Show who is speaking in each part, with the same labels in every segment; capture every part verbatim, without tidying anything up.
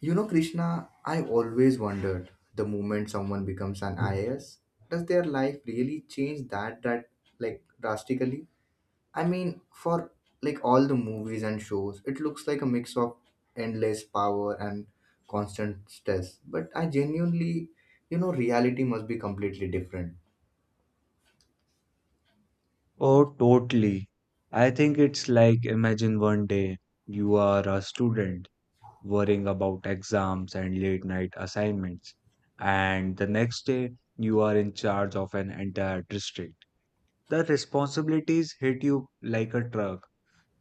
Speaker 1: You know, Krishna, I've always wondered the moment someone becomes an I A S, does their life really change that that like drastically? I mean, for like all the movies and shows, it looks like a mix of endless power and constant stress. But I genuinely, you know, reality must be completely different.
Speaker 2: Oh, totally. I think it's like imagine one day you are a student worrying about exams and late night assignments, and the next day you are in charge of an entire district. The responsibilities hit you like a truck.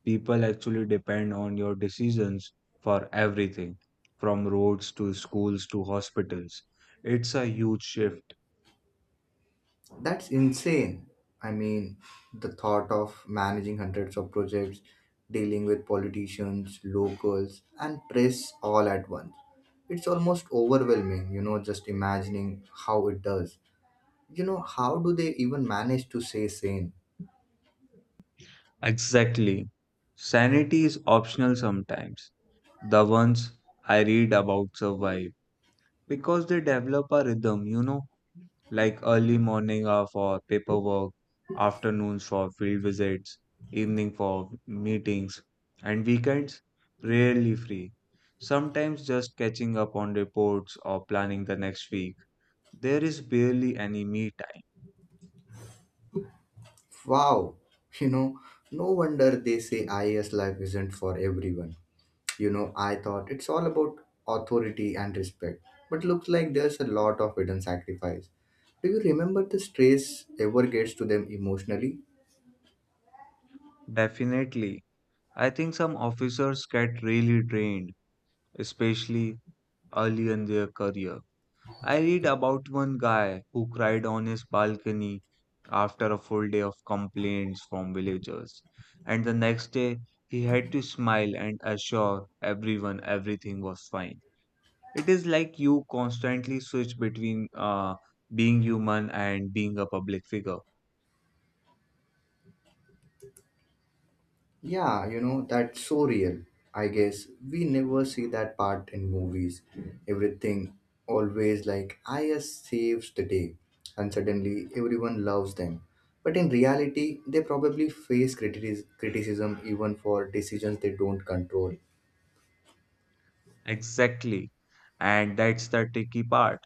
Speaker 2: People actually depend on your decisions for everything, from roads to schools to hospitals. It's a huge shift.
Speaker 1: That's insane. I mean, the thought of managing hundreds of projects, dealing with politicians, locals, and press all at once. It's almost overwhelming, you know, just imagining how it does. You know, how do they even manage to stay sane?
Speaker 2: Exactly. Sanity is optional sometimes. The ones I read about survive because they develop a rhythm, you know, like early morning are for paperwork, afternoons for field visits, evening for meetings, and weekends rarely free. Sometimes just catching up on reports or planning the next week. There is barely any me time.
Speaker 1: Wow, you know, no wonder they say I A S life isn't for everyone. You know, I thought it's all about authority and respect, but looks like there's a lot of hidden sacrifice. Do you remember the stress ever gets to them emotionally?
Speaker 2: Definitely. I think some officers get really drained, especially early in their career. I read about one guy who cried on his balcony after a full day of complaints from villagers, and the next day he had to smile and assure everyone everything was fine. It is like you constantly switch between uh, being human and being a public figure.
Speaker 1: Yeah, you know, that's so real. I guess we never see that part in movies. Everything always like I S saves the day, and suddenly everyone loves them. But in reality, they probably face critis- criticism even for decisions they don't control.
Speaker 2: Exactly. And that's the tricky part.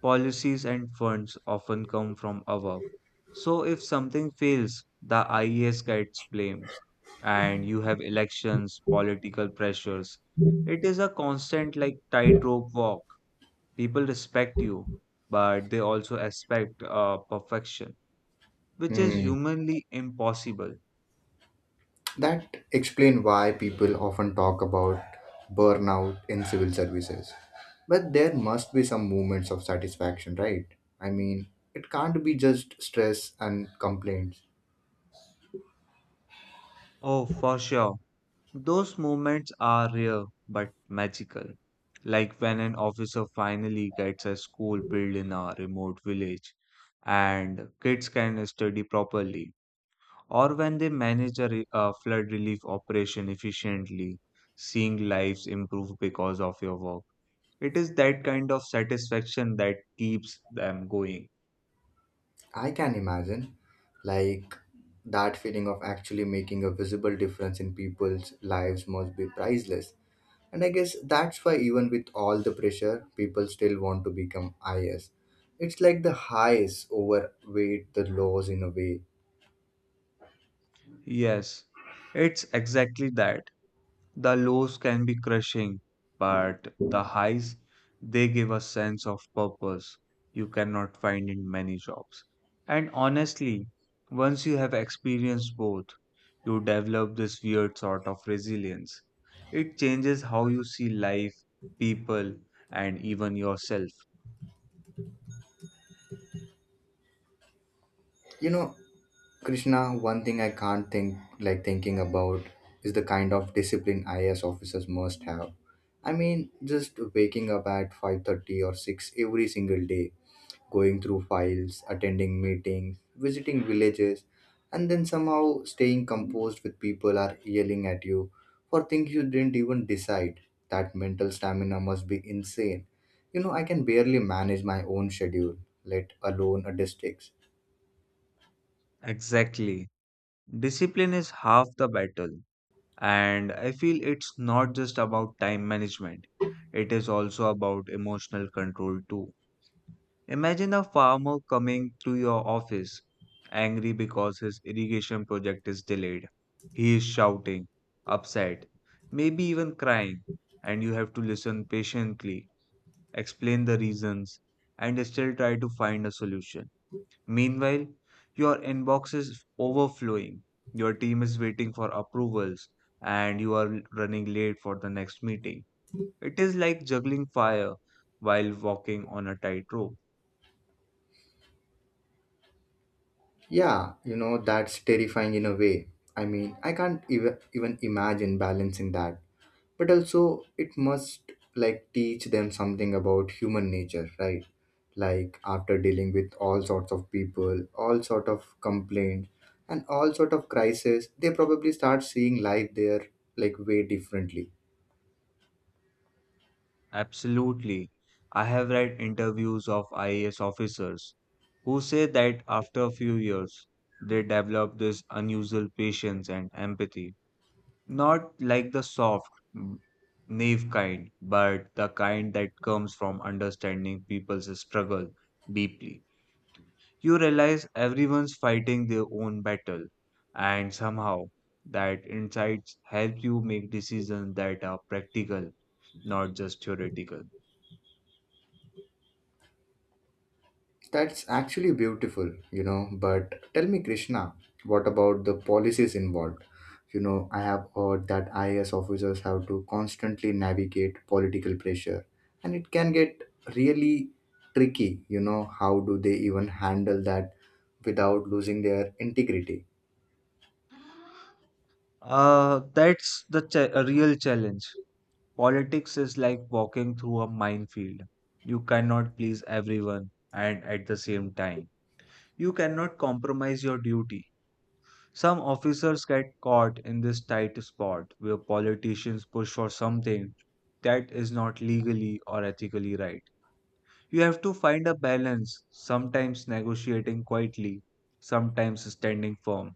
Speaker 2: Policies and funds often come from above. So if something fails, the I E S gets blamed, and you have elections, political pressures. It is a constant, like, tightrope walk. People respect you, but they also expect uh, perfection, which is
Speaker 1: Hmm.
Speaker 2: humanly impossible.
Speaker 1: That explain why people often talk about burnout in civil services. But there must be some moments of satisfaction, right? I mean, it can't be just stress and complaints.
Speaker 2: Oh, for sure. Those moments are rare but magical. Like when an officer finally gets a school built in a remote village and kids can study properly, or when they manage a, re- a flood relief operation efficiently, seeing lives improve because of your work. It is that kind of satisfaction that keeps them going.
Speaker 1: I can imagine like that feeling of actually making a visible difference in people's lives must be priceless. And I guess that's why even with all the pressure, people still want to become I S. It's like the highs overweight the lows in a way.
Speaker 2: Yes, it's exactly that. The lows can be crushing, but the highs, they give a sense of purpose you cannot find in many jobs. And honestly, once you have experienced both, you develop this weird sort of resilience. It changes how you see life, people, and even yourself.
Speaker 1: you know Krishna, one thing I can't think like thinking about is the kind of discipline I A S officers must have. I mean, just waking up at five thirty or six every single day, going through files, attending meetings, visiting villages, and then somehow staying composed with people are yelling at you for things you didn't even decide. That mental stamina must be insane. You know, I can barely manage my own schedule, let alone a district's.
Speaker 2: Exactly. Discipline is half the battle, and I feel it's not just about time management, it is also about emotional control too. Imagine a farmer coming to your office, angry because his irrigation project is delayed. He is shouting, upset, maybe even crying, and you have to listen patiently, explain the reasons, and still try to find a solution. Meanwhile, your inbox is overflowing, your team is waiting for approvals, and you are running late for the next meeting. It is like juggling fire while walking on a tightrope.
Speaker 1: Yeah, you know, that's terrifying in a way. I mean, I can't even even imagine balancing that. But also it must like teach them something about human nature, right? Like after dealing with all sorts of people, all sort of complaints and all sort of crisis, they probably start seeing life there like way differently.
Speaker 2: Absolutely. I have read interviews of I A S officers who say that after a few years, they develop this unusual patience and empathy. Not like the soft, mm, naive kind, but the kind that comes from understanding people's struggle deeply. You realize everyone's fighting their own battle, and somehow that insights help you make decisions that are practical, not just theoretical.
Speaker 1: That's actually beautiful, you know. But tell me, Krishna, what about the policies involved? You know, I have heard that I A S officers have to constantly navigate political pressure, and it can get really tricky. You know, how do they even handle that without losing their integrity?
Speaker 2: Uh, that's the cha- a real challenge. Politics is like walking through a minefield. You cannot please everyone and at the same time. You cannot compromise your duty. Some officers get caught in this tight spot where politicians push for something that is not legally or ethically right. You have to find a balance, sometimes negotiating quietly, sometimes standing firm.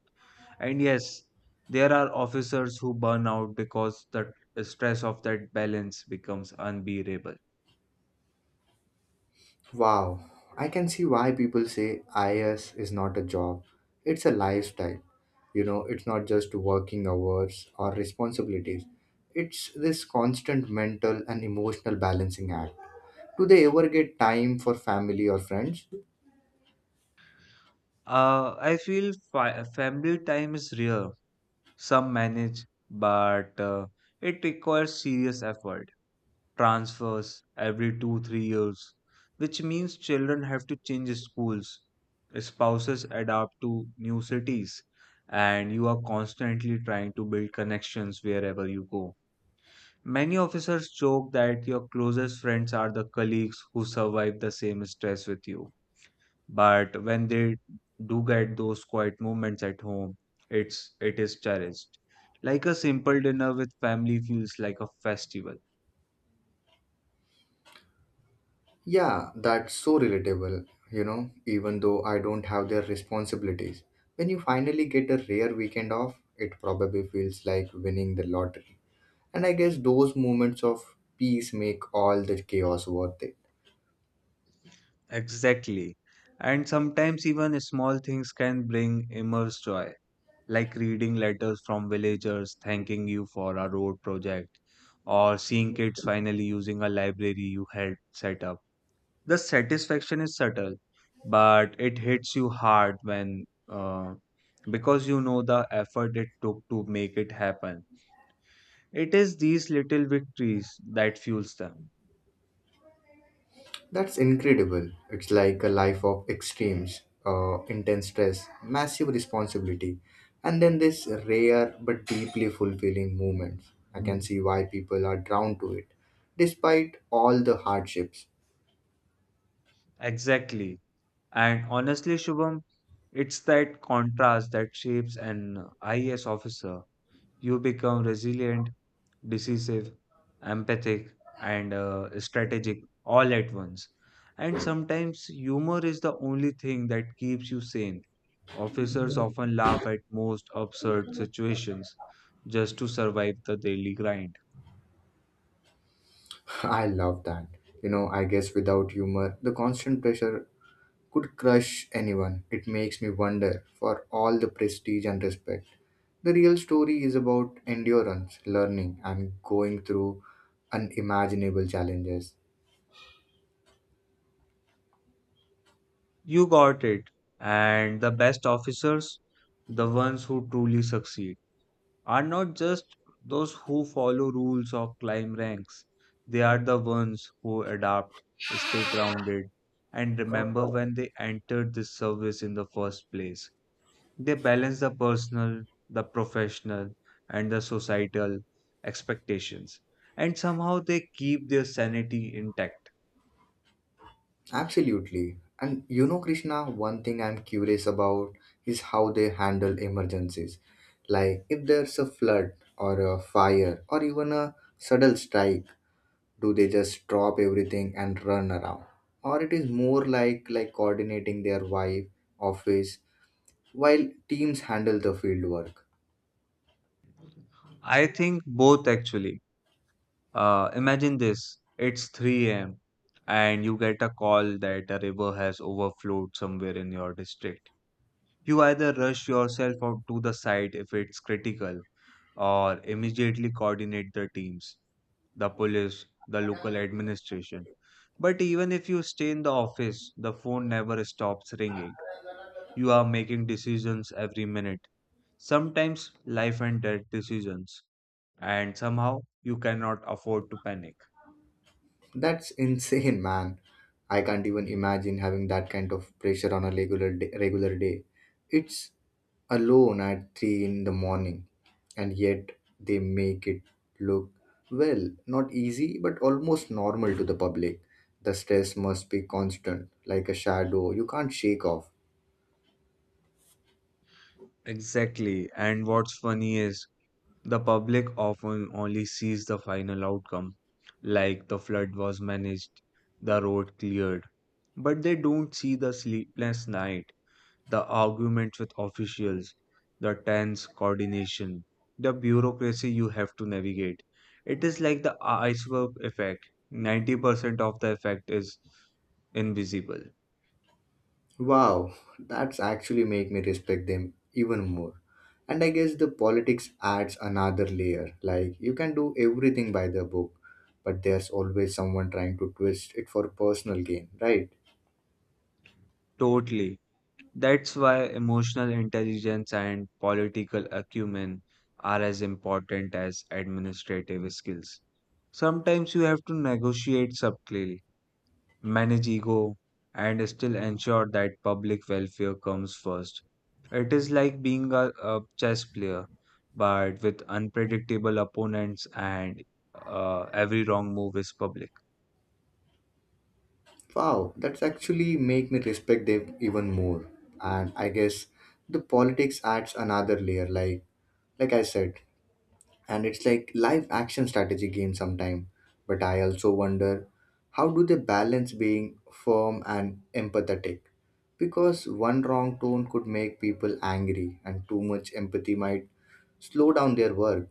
Speaker 2: And yes, there are officers who burn out because the stress of that balance becomes unbearable.
Speaker 1: Wow, I can see why people say I S is not a job. It's a lifestyle. You know, it's not just working hours or responsibilities. It's this constant mental and emotional balancing act. Do they ever get time for family or friends?
Speaker 2: Uh, I feel fi- family time is real. Some manage, but uh, it requires serious effort. Transfers every two three years, which means children have to change schools, spouses adapt to new cities, and you are constantly trying to build connections wherever you go. Many officers joke that your closest friends are the colleagues who survive the same stress with you. But when they do get those quiet moments at home, it's it is cherished. Like a simple dinner with family feels like a festival.
Speaker 1: Yeah, that's so relatable, you know, even though I don't have their responsibilities. When you finally get a rare weekend off, it probably feels like winning the lottery. And I guess those moments of peace make all the chaos worth it.
Speaker 2: Exactly. And sometimes even small things can bring immense joy, like reading letters from villagers thanking you for a road project, or seeing kids finally using a library you had set up. The satisfaction is subtle, but it hits you hard when uh, because you know the effort it took to make it happen. It is these little victories that fuels them.
Speaker 1: That's incredible. It's like a life of extremes, uh, intense stress, massive responsibility, and then this rare but deeply fulfilling moment. I can see why people are drawn to it, despite all the hardships.
Speaker 2: Exactly. And honestly, Shubham, it's that contrast that shapes an I A S officer. You become resilient, decisive, empathic, and uh, strategic all at once. And sometimes humor is the only thing that keeps you sane. Officers often laugh at most absurd situations just to survive the daily grind.
Speaker 1: I love that. You know, I guess without humor, the constant pressure could crush anyone. It makes me wonder, for all the prestige and respect, the real story is about endurance, learning, and going through unimaginable challenges.
Speaker 2: You got it. And the best officers, the ones who truly succeed, are not just those who follow rules or climb ranks. They are the ones who adapt, stay grounded, and remember when they entered this service in the first place. They balance the personal, the professional, and the societal expectations, and somehow they keep their sanity intact.
Speaker 1: Absolutely. And you know, Krishna, one thing I'm curious about is how they handle emergencies. Like if there's a flood or a fire or even a sudden strike, do they just drop everything and run around? Or it is more like like coordinating their wife, office, while teams handle the field work.
Speaker 2: I think both actually. Uh, imagine this: it's three a m and you get a call that a river has overflowed somewhere in your district. You either rush yourself out to the site if it's critical, or immediately coordinate the teams, the police, the local administration. But even if you stay in the office, the phone never stops ringing. You are making decisions every minute, sometimes life and death decisions, and somehow you cannot afford to panic.
Speaker 1: That's insane, man. I can't even imagine having that kind of pressure on a regular day, regular day. It's alone at three in the morning, and yet they make it look, well, not easy but almost normal to the public. The stress must be constant, like a shadow you can't shake off.
Speaker 2: Exactly. And what's funny is, the public often only sees the final outcome, like the flood was managed, the road cleared, but they don't see the sleepless night, the arguments with officials, the tense coordination, the bureaucracy you have to navigate. It is like the iceberg effect. ninety percent of the effect is invisible.
Speaker 1: Wow, that's actually make me respect them even more. And I guess the politics adds another layer. Like you can do everything by the book, but there's always someone trying to twist it for personal gain, right?
Speaker 2: Totally. That's why emotional intelligence and political acumen are as important as administrative skills. Sometimes you have to negotiate subtly, manage ego, and still ensure that public welfare comes first. It is like being a, a chess player, but with unpredictable opponents, and uh, every wrong move is public.
Speaker 1: Wow, that's actually make me respect them even more. And I guess the politics adds another layer. Like like I said, and it's like live action strategy game sometime. But I also wonder, how do they balance being firm and empathetic? Because one wrong tone could make people angry and too much empathy might slow down their work.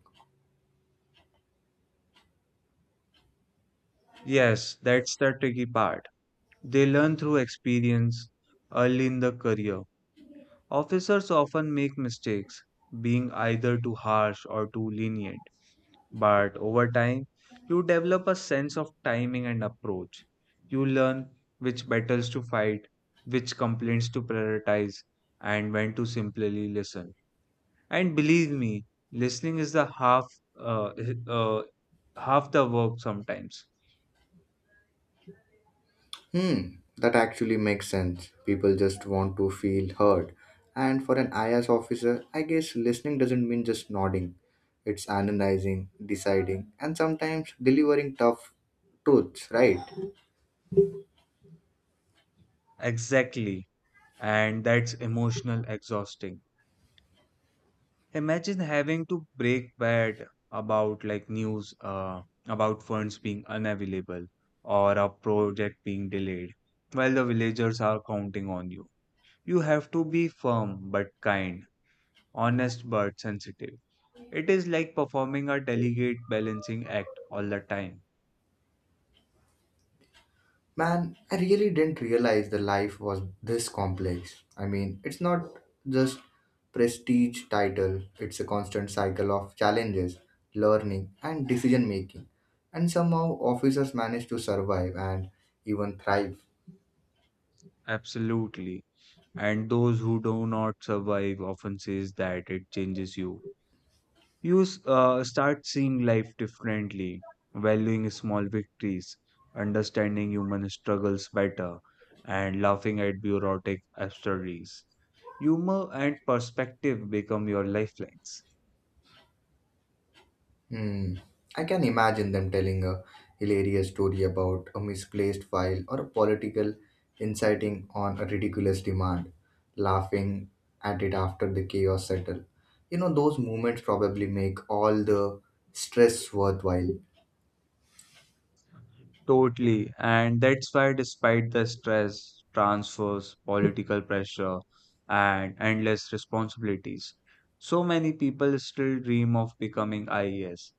Speaker 2: Yes, that's the tricky part. They learn through experience early in the career. Officers often make mistakes, being either too harsh or too lenient, but over time, you develop a sense of timing and approach. You learn which battles to fight, which complaints to prioritize, and when to simply listen. And believe me, listening is the half uh, uh, half the work sometimes.
Speaker 1: Hmm, that actually makes sense. People just want to feel heard, and for an I A S officer, I guess listening doesn't mean just nodding. It's analyzing, deciding, and sometimes delivering tough truths, right?
Speaker 2: Exactly, and that's emotional exhausting. Imagine having to break bad about like news uh, about funds being unavailable or a project being delayed while the villagers are counting on you. You have to be firm but kind, honest but sensitive. It is like performing a delicate balancing act all the time.
Speaker 1: Man, I really didn't realize the life was this complex. I mean, it's not just prestige title, it's a constant cycle of challenges, learning, and decision making. And somehow officers manage to survive and even thrive.
Speaker 2: Absolutely. And those who do not survive often says that it changes you. You s- uh, start seeing life differently, valuing small victories, understanding human struggles better, and laughing at bureaucratic absurdities. Humor and perspective become your lifelines.
Speaker 1: Hmm. I can imagine them telling a hilarious story about a misplaced file or a political inciting on a ridiculous demand, laughing at it after the chaos settle. You know, those moments probably make all the stress worthwhile.
Speaker 2: Totally, and that's why, despite the stress, transfers, political pressure, and endless responsibilities, so many people still dream of becoming I A S.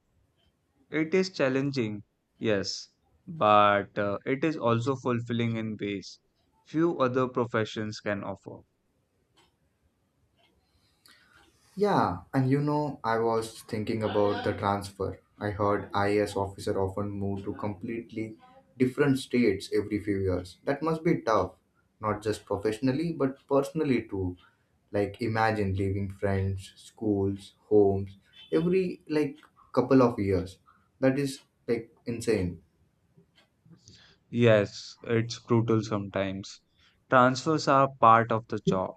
Speaker 2: It is challenging, yes, but uh, it is also fulfilling in ways few other professions can offer.
Speaker 1: Yeah, and you know, I was thinking about the transfer. I heard I A S officer often move to completely different states every few years. That must be tough, not just professionally, but personally too. Like imagine leaving friends, schools, homes every like couple of years. That is like insane.
Speaker 2: Yes, it's brutal sometimes. Transfers are part of the job,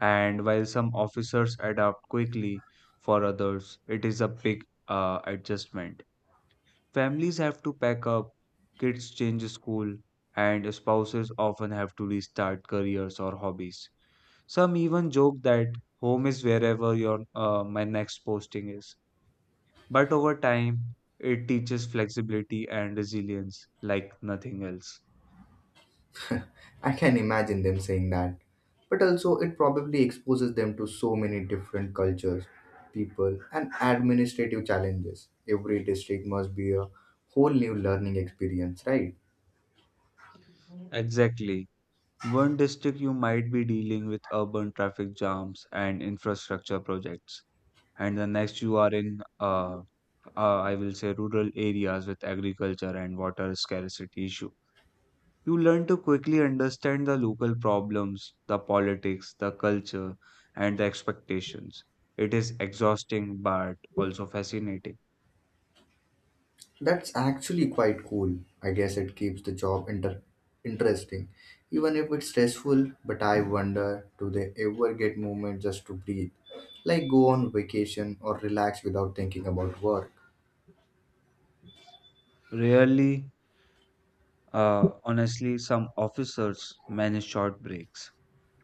Speaker 2: and while some officers adapt quickly, for others, it is a big uh, adjustment. Families have to pack up, kids change school, and spouses often have to restart careers or hobbies. Some even joke that home is wherever your uh, my next posting is. But over time, it teaches flexibility and resilience like nothing else.
Speaker 1: I can imagine them saying that. But also, it probably exposes them to so many different cultures, people, and administrative challenges. Every district must be a whole new learning experience, right?
Speaker 2: Exactly. One district you might be dealing with urban traffic jams and infrastructure projects, and the next you are in, uh, uh, I will say, rural areas with agriculture and water scarcity issue. You learn to quickly understand the local problems, the politics, the culture, and the expectations. It is exhausting but also fascinating.
Speaker 1: That's actually quite cool. I guess it keeps the job inter- interesting, even if it's stressful. But I wonder do they ever get moments just to breathe, like go on vacation or relax without thinking about work?
Speaker 2: Rarely, uh, honestly, some officers manage short breaks,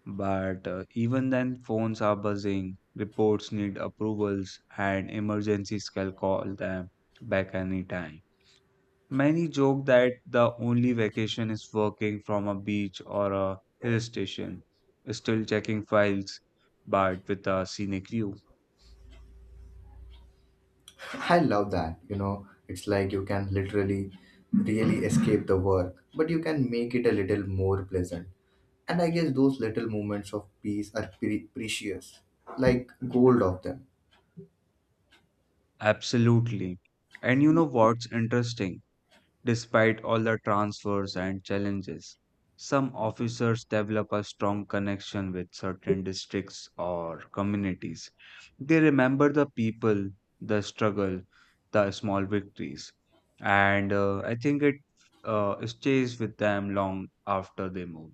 Speaker 2: but uh, even then, phones are buzzing, reports need approvals, and emergencies can call them back anytime. Many joke that the only vacation is working from a beach or a hill station, still checking files, but with a scenic view.
Speaker 1: I love that. You know, it's like you can literally really escape the work, but you can make it a little more pleasant. And I guess those little moments of peace are pre- precious, like gold of them.
Speaker 2: Absolutely. And you know what's interesting? Despite all the transfers and challenges, some officers develop a strong connection with certain districts or communities. They remember the people, the struggle, the small victories, and uh, I think it uh, stays with them long after they move.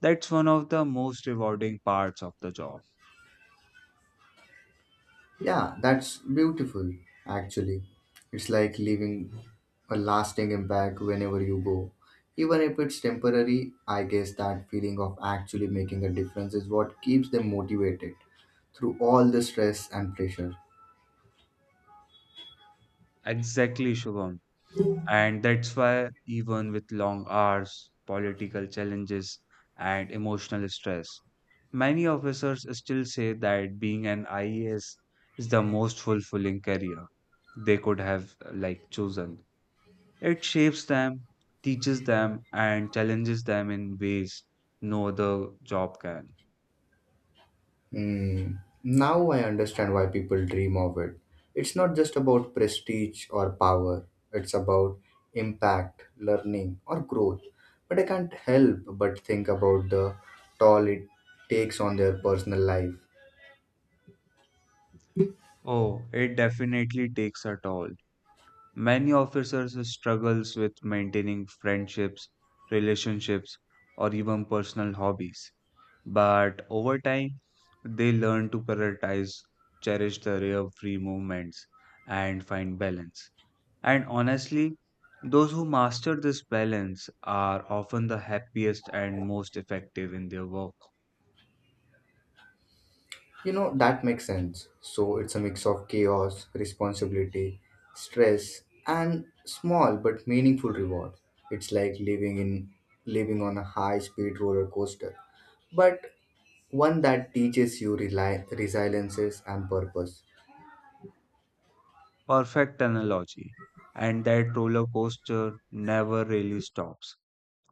Speaker 2: That's one of the most rewarding parts of the job.
Speaker 1: Yeah, that's beautiful, actually. It's like leaving a lasting impact whenever you go. Even if it's temporary, I guess that feeling of actually making a difference is what keeps them motivated through all the stress and pressure.
Speaker 2: Exactly, Shubham. And that's why, even with long hours, political challenges, and emotional stress, many officers still say that being an I A S is the most fulfilling career they could have uh, like chosen. It shapes them, teaches them, and challenges them in ways no other job can.
Speaker 1: Hmm. Now I understand why people dream of it. It's not just about prestige or power, it's about impact, learning, or growth. But I can't help but think about the toll it takes on their personal life.
Speaker 2: Oh, it definitely takes a toll. Many officers struggles with maintaining friendships, relationships, or even personal hobbies. But over time, they learn to prioritize, cherish the rare free moments, and find balance. And honestly, those who master this balance are often the happiest and most effective in their work.
Speaker 1: You know, that makes sense. So it's a mix of chaos, responsibility, stress, and small but meaningful reward. It's like living in living on a high-speed roller coaster, but one that teaches you reli- resiliences and purpose.
Speaker 2: Perfect analogy. And that roller coaster never really stops.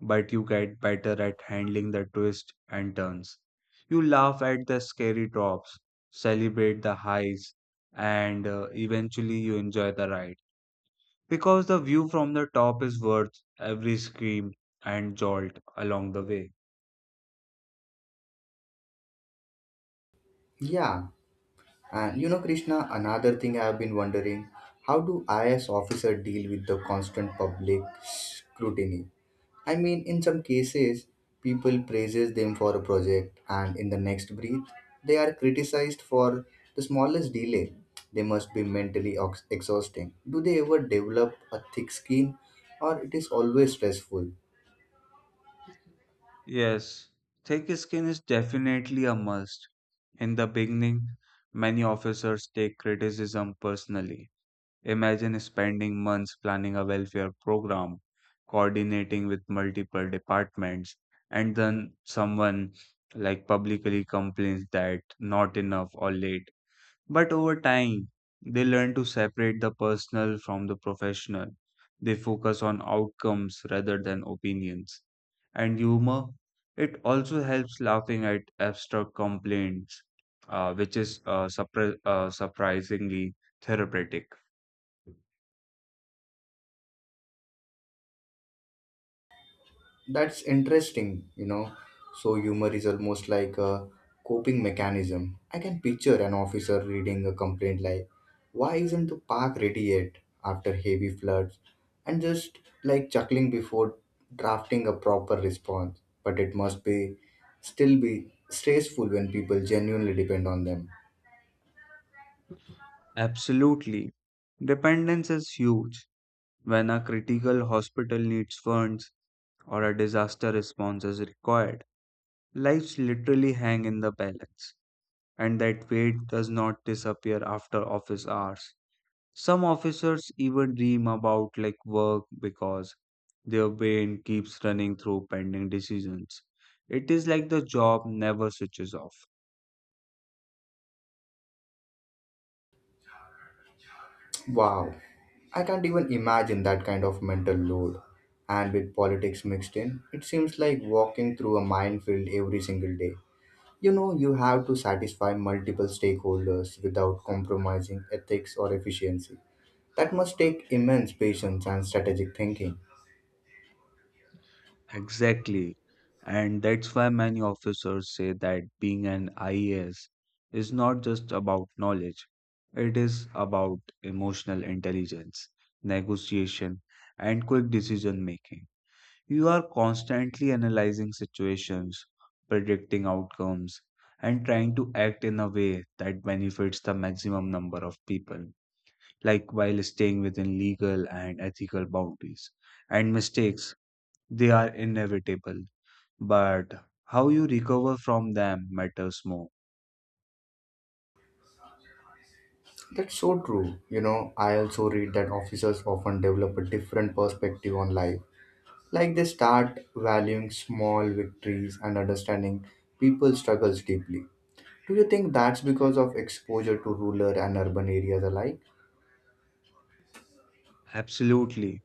Speaker 2: But you get better at handling the twists and turns. You laugh at the scary drops, celebrate the highs, and uh, eventually you enjoy the ride because the view from the top is worth every scream and jolt along the way.
Speaker 1: Yeah, and you know, Krishna, another thing I have been wondering, how do I S officer deal with the constant public scrutiny? I mean, in some cases, people praises them for a project, and in the next breath, they are criticized for the smallest delay. They must be mentally ox- exhausting. Do they ever develop a thick skin, or it is always stressful?
Speaker 2: Yes, thick skin is definitely a must. In the beginning, many officers take criticism personally. Imagine spending months planning a welfare program, coordinating with multiple departments, and then someone like publicly complains that not enough or late. But over time, they learn to separate the personal from the professional. They focus on outcomes rather than opinions. And humor, it also helps laughing at abstract complaints, uh, which is uh, surpri- uh, surprisingly therapeutic.
Speaker 1: That's interesting, you know. So humor is almost like a coping mechanism. I can picture an officer reading a complaint like, "Why isn't the park ready yet?" after heavy floods, and just like chuckling before drafting a proper response. But it must be still be stressful when people genuinely depend on them.
Speaker 2: Absolutely. Dependence is huge. When a critical hospital needs funds or a disaster response is required, lives literally hang in the balance, and that weight does not disappear after office hours. Some officers even dream about like work because their brain keeps running through pending decisions. It is like the job never switches off.
Speaker 1: Wow, I can't even imagine that kind of mental load. And with politics mixed in, it seems like walking through a minefield every single day. You know, you have to satisfy multiple stakeholders without compromising ethics or efficiency. That must take immense patience and strategic thinking.
Speaker 2: Exactly. And that's why many officers say that being an I A S is not just about knowledge, it is about emotional intelligence, negotiation, and quick decision making. You are constantly analyzing situations, predicting outcomes, and trying to act in a way that benefits the maximum number of people, like while staying within legal and ethical boundaries. And mistakes, they are inevitable but how you recover from them matters more.
Speaker 1: That's so true. You know, I also read that officers often develop a different perspective on life. Like they start valuing small victories and understanding people's struggles deeply. Do you think that's because of exposure to rural and urban areas alike?
Speaker 2: Absolutely.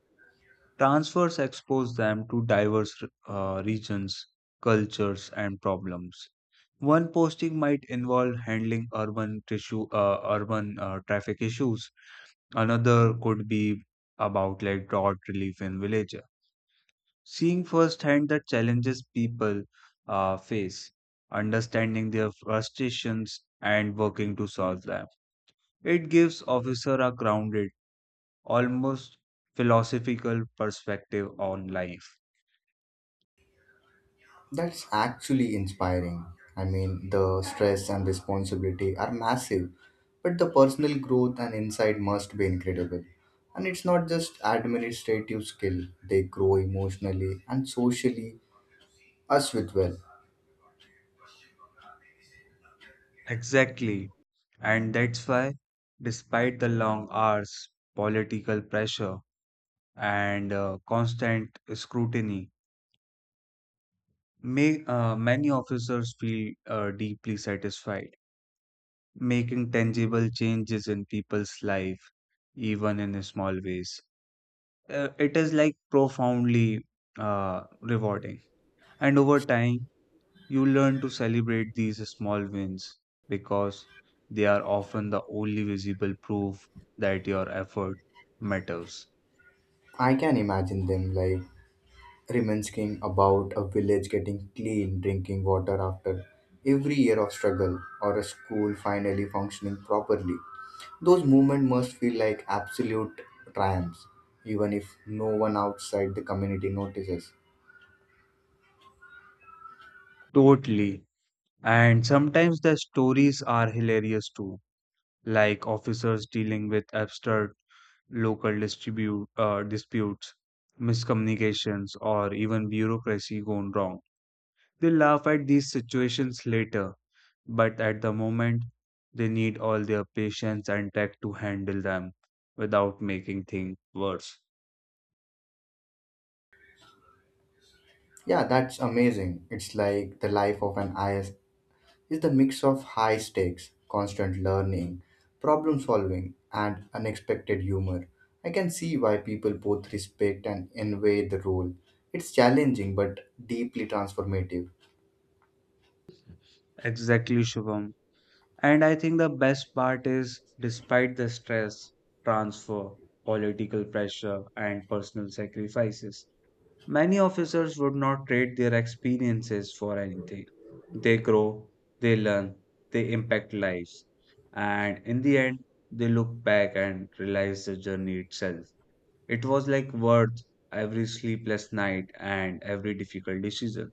Speaker 2: Transfers expose them to diverse uh, regions, cultures, and problems. One posting might involve handling urban tissue, uh, urban uh, traffic issues. Another could be about like drought relief in villages. Seeing firsthand the challenges people uh, face, understanding their frustrations, and working to solve them. It gives officer a grounded, almost philosophical perspective on life.
Speaker 1: That's actually inspiring. I mean, the stress and responsibility are massive, but the personal growth and insight must be incredible. And it's not just administrative skill, they grow emotionally and socially as with well.
Speaker 2: Exactly. And that's why, despite the long hours, political pressure, and uh, constant scrutiny, may, uh, many officers feel uh, deeply satisfied, making tangible changes in people's life, even in small ways. Uh, it is like profoundly uh, rewarding. And over time, you learn to celebrate these small wins because they are often the only visible proof that your effort matters.
Speaker 1: I can imagine them like reminiscing about a village getting clean drinking water after every year of struggle or a school finally functioning properly. Those movements must feel like absolute triumphs, even if no one outside the community notices.
Speaker 2: Totally. And sometimes the stories are hilarious too, like officers dealing with absurd local distribute, uh, disputes, miscommunications, or even bureaucracy gone wrong. They laugh at these situations later, but at the moment they need all their patience and tech to handle them without making things worse.
Speaker 1: Yeah, that's amazing. It's like the life of an I S is the mix of high stakes, constant learning, problem solving, and unexpected humor. I can see why people both respect and envy the role. It's challenging but deeply transformative.
Speaker 2: Exactly, Shubham. And I think the best part is, despite the stress, transfer, political pressure, and personal sacrifices, many officers would not trade their experiences for anything. They grow, they learn, they impact lives. And in the end, they look back and realize the journey itself, it was like worth every sleepless night and every difficult decision.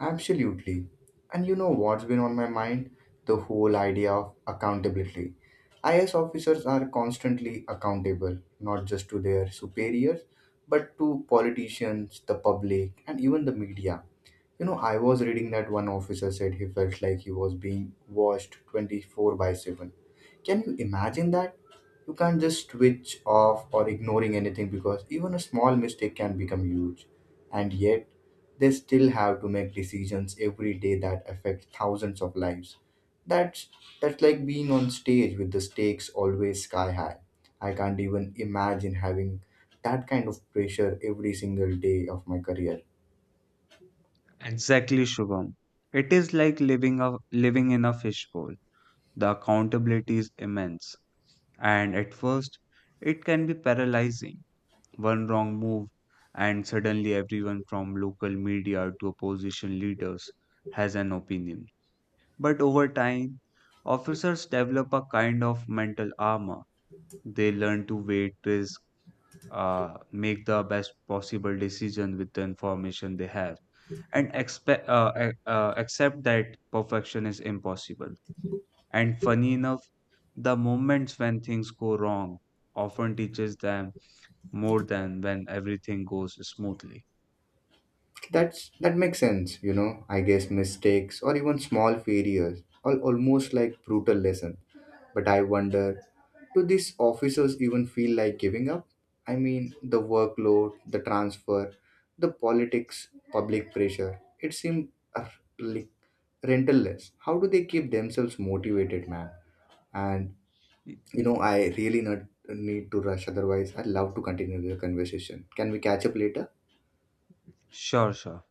Speaker 1: Absolutely. And you know what's been on my mind? The whole idea of accountability. I A S officers are constantly accountable, not just to their superiors, but to politicians, the public, and even the media. You know, I was reading that one officer said he felt like he was being watched twenty four by seven. Can you imagine that? You can't just switch off or ignoring anything because even a small mistake can become huge. And yet, they still have to make decisions every day that affect thousands of lives. That's that's like being on stage with the stakes always sky high. I can't even imagine having that kind of pressure every single day of my career.
Speaker 2: Exactly, Shubham. It is like living a living in a fishbowl. The accountability is immense, and at first, it can be paralyzing. One wrong move, and suddenly everyone from local media to opposition leaders has an opinion. But over time, officers develop a kind of mental armor. They learn to weigh risk, uh, make the best possible decision with the information they have, and expect uh, ac- uh, accept that perfection is impossible. And funny enough, the moments when things go wrong often teaches them more than when everything goes smoothly.
Speaker 1: That's that makes sense, you know. I guess mistakes or even small failures are almost like brutal lesson. But I wonder, do these officers even feel like giving up? I mean, the workload, the transfer, the politics, public pressure. It seems uh, like rentless. How do they keep themselves motivated, man? And
Speaker 2: Y-
Speaker 1: you know, I really not need to rush. Otherwise, I'd love to continue the conversation. Can we catch up later?
Speaker 2: sure, sure.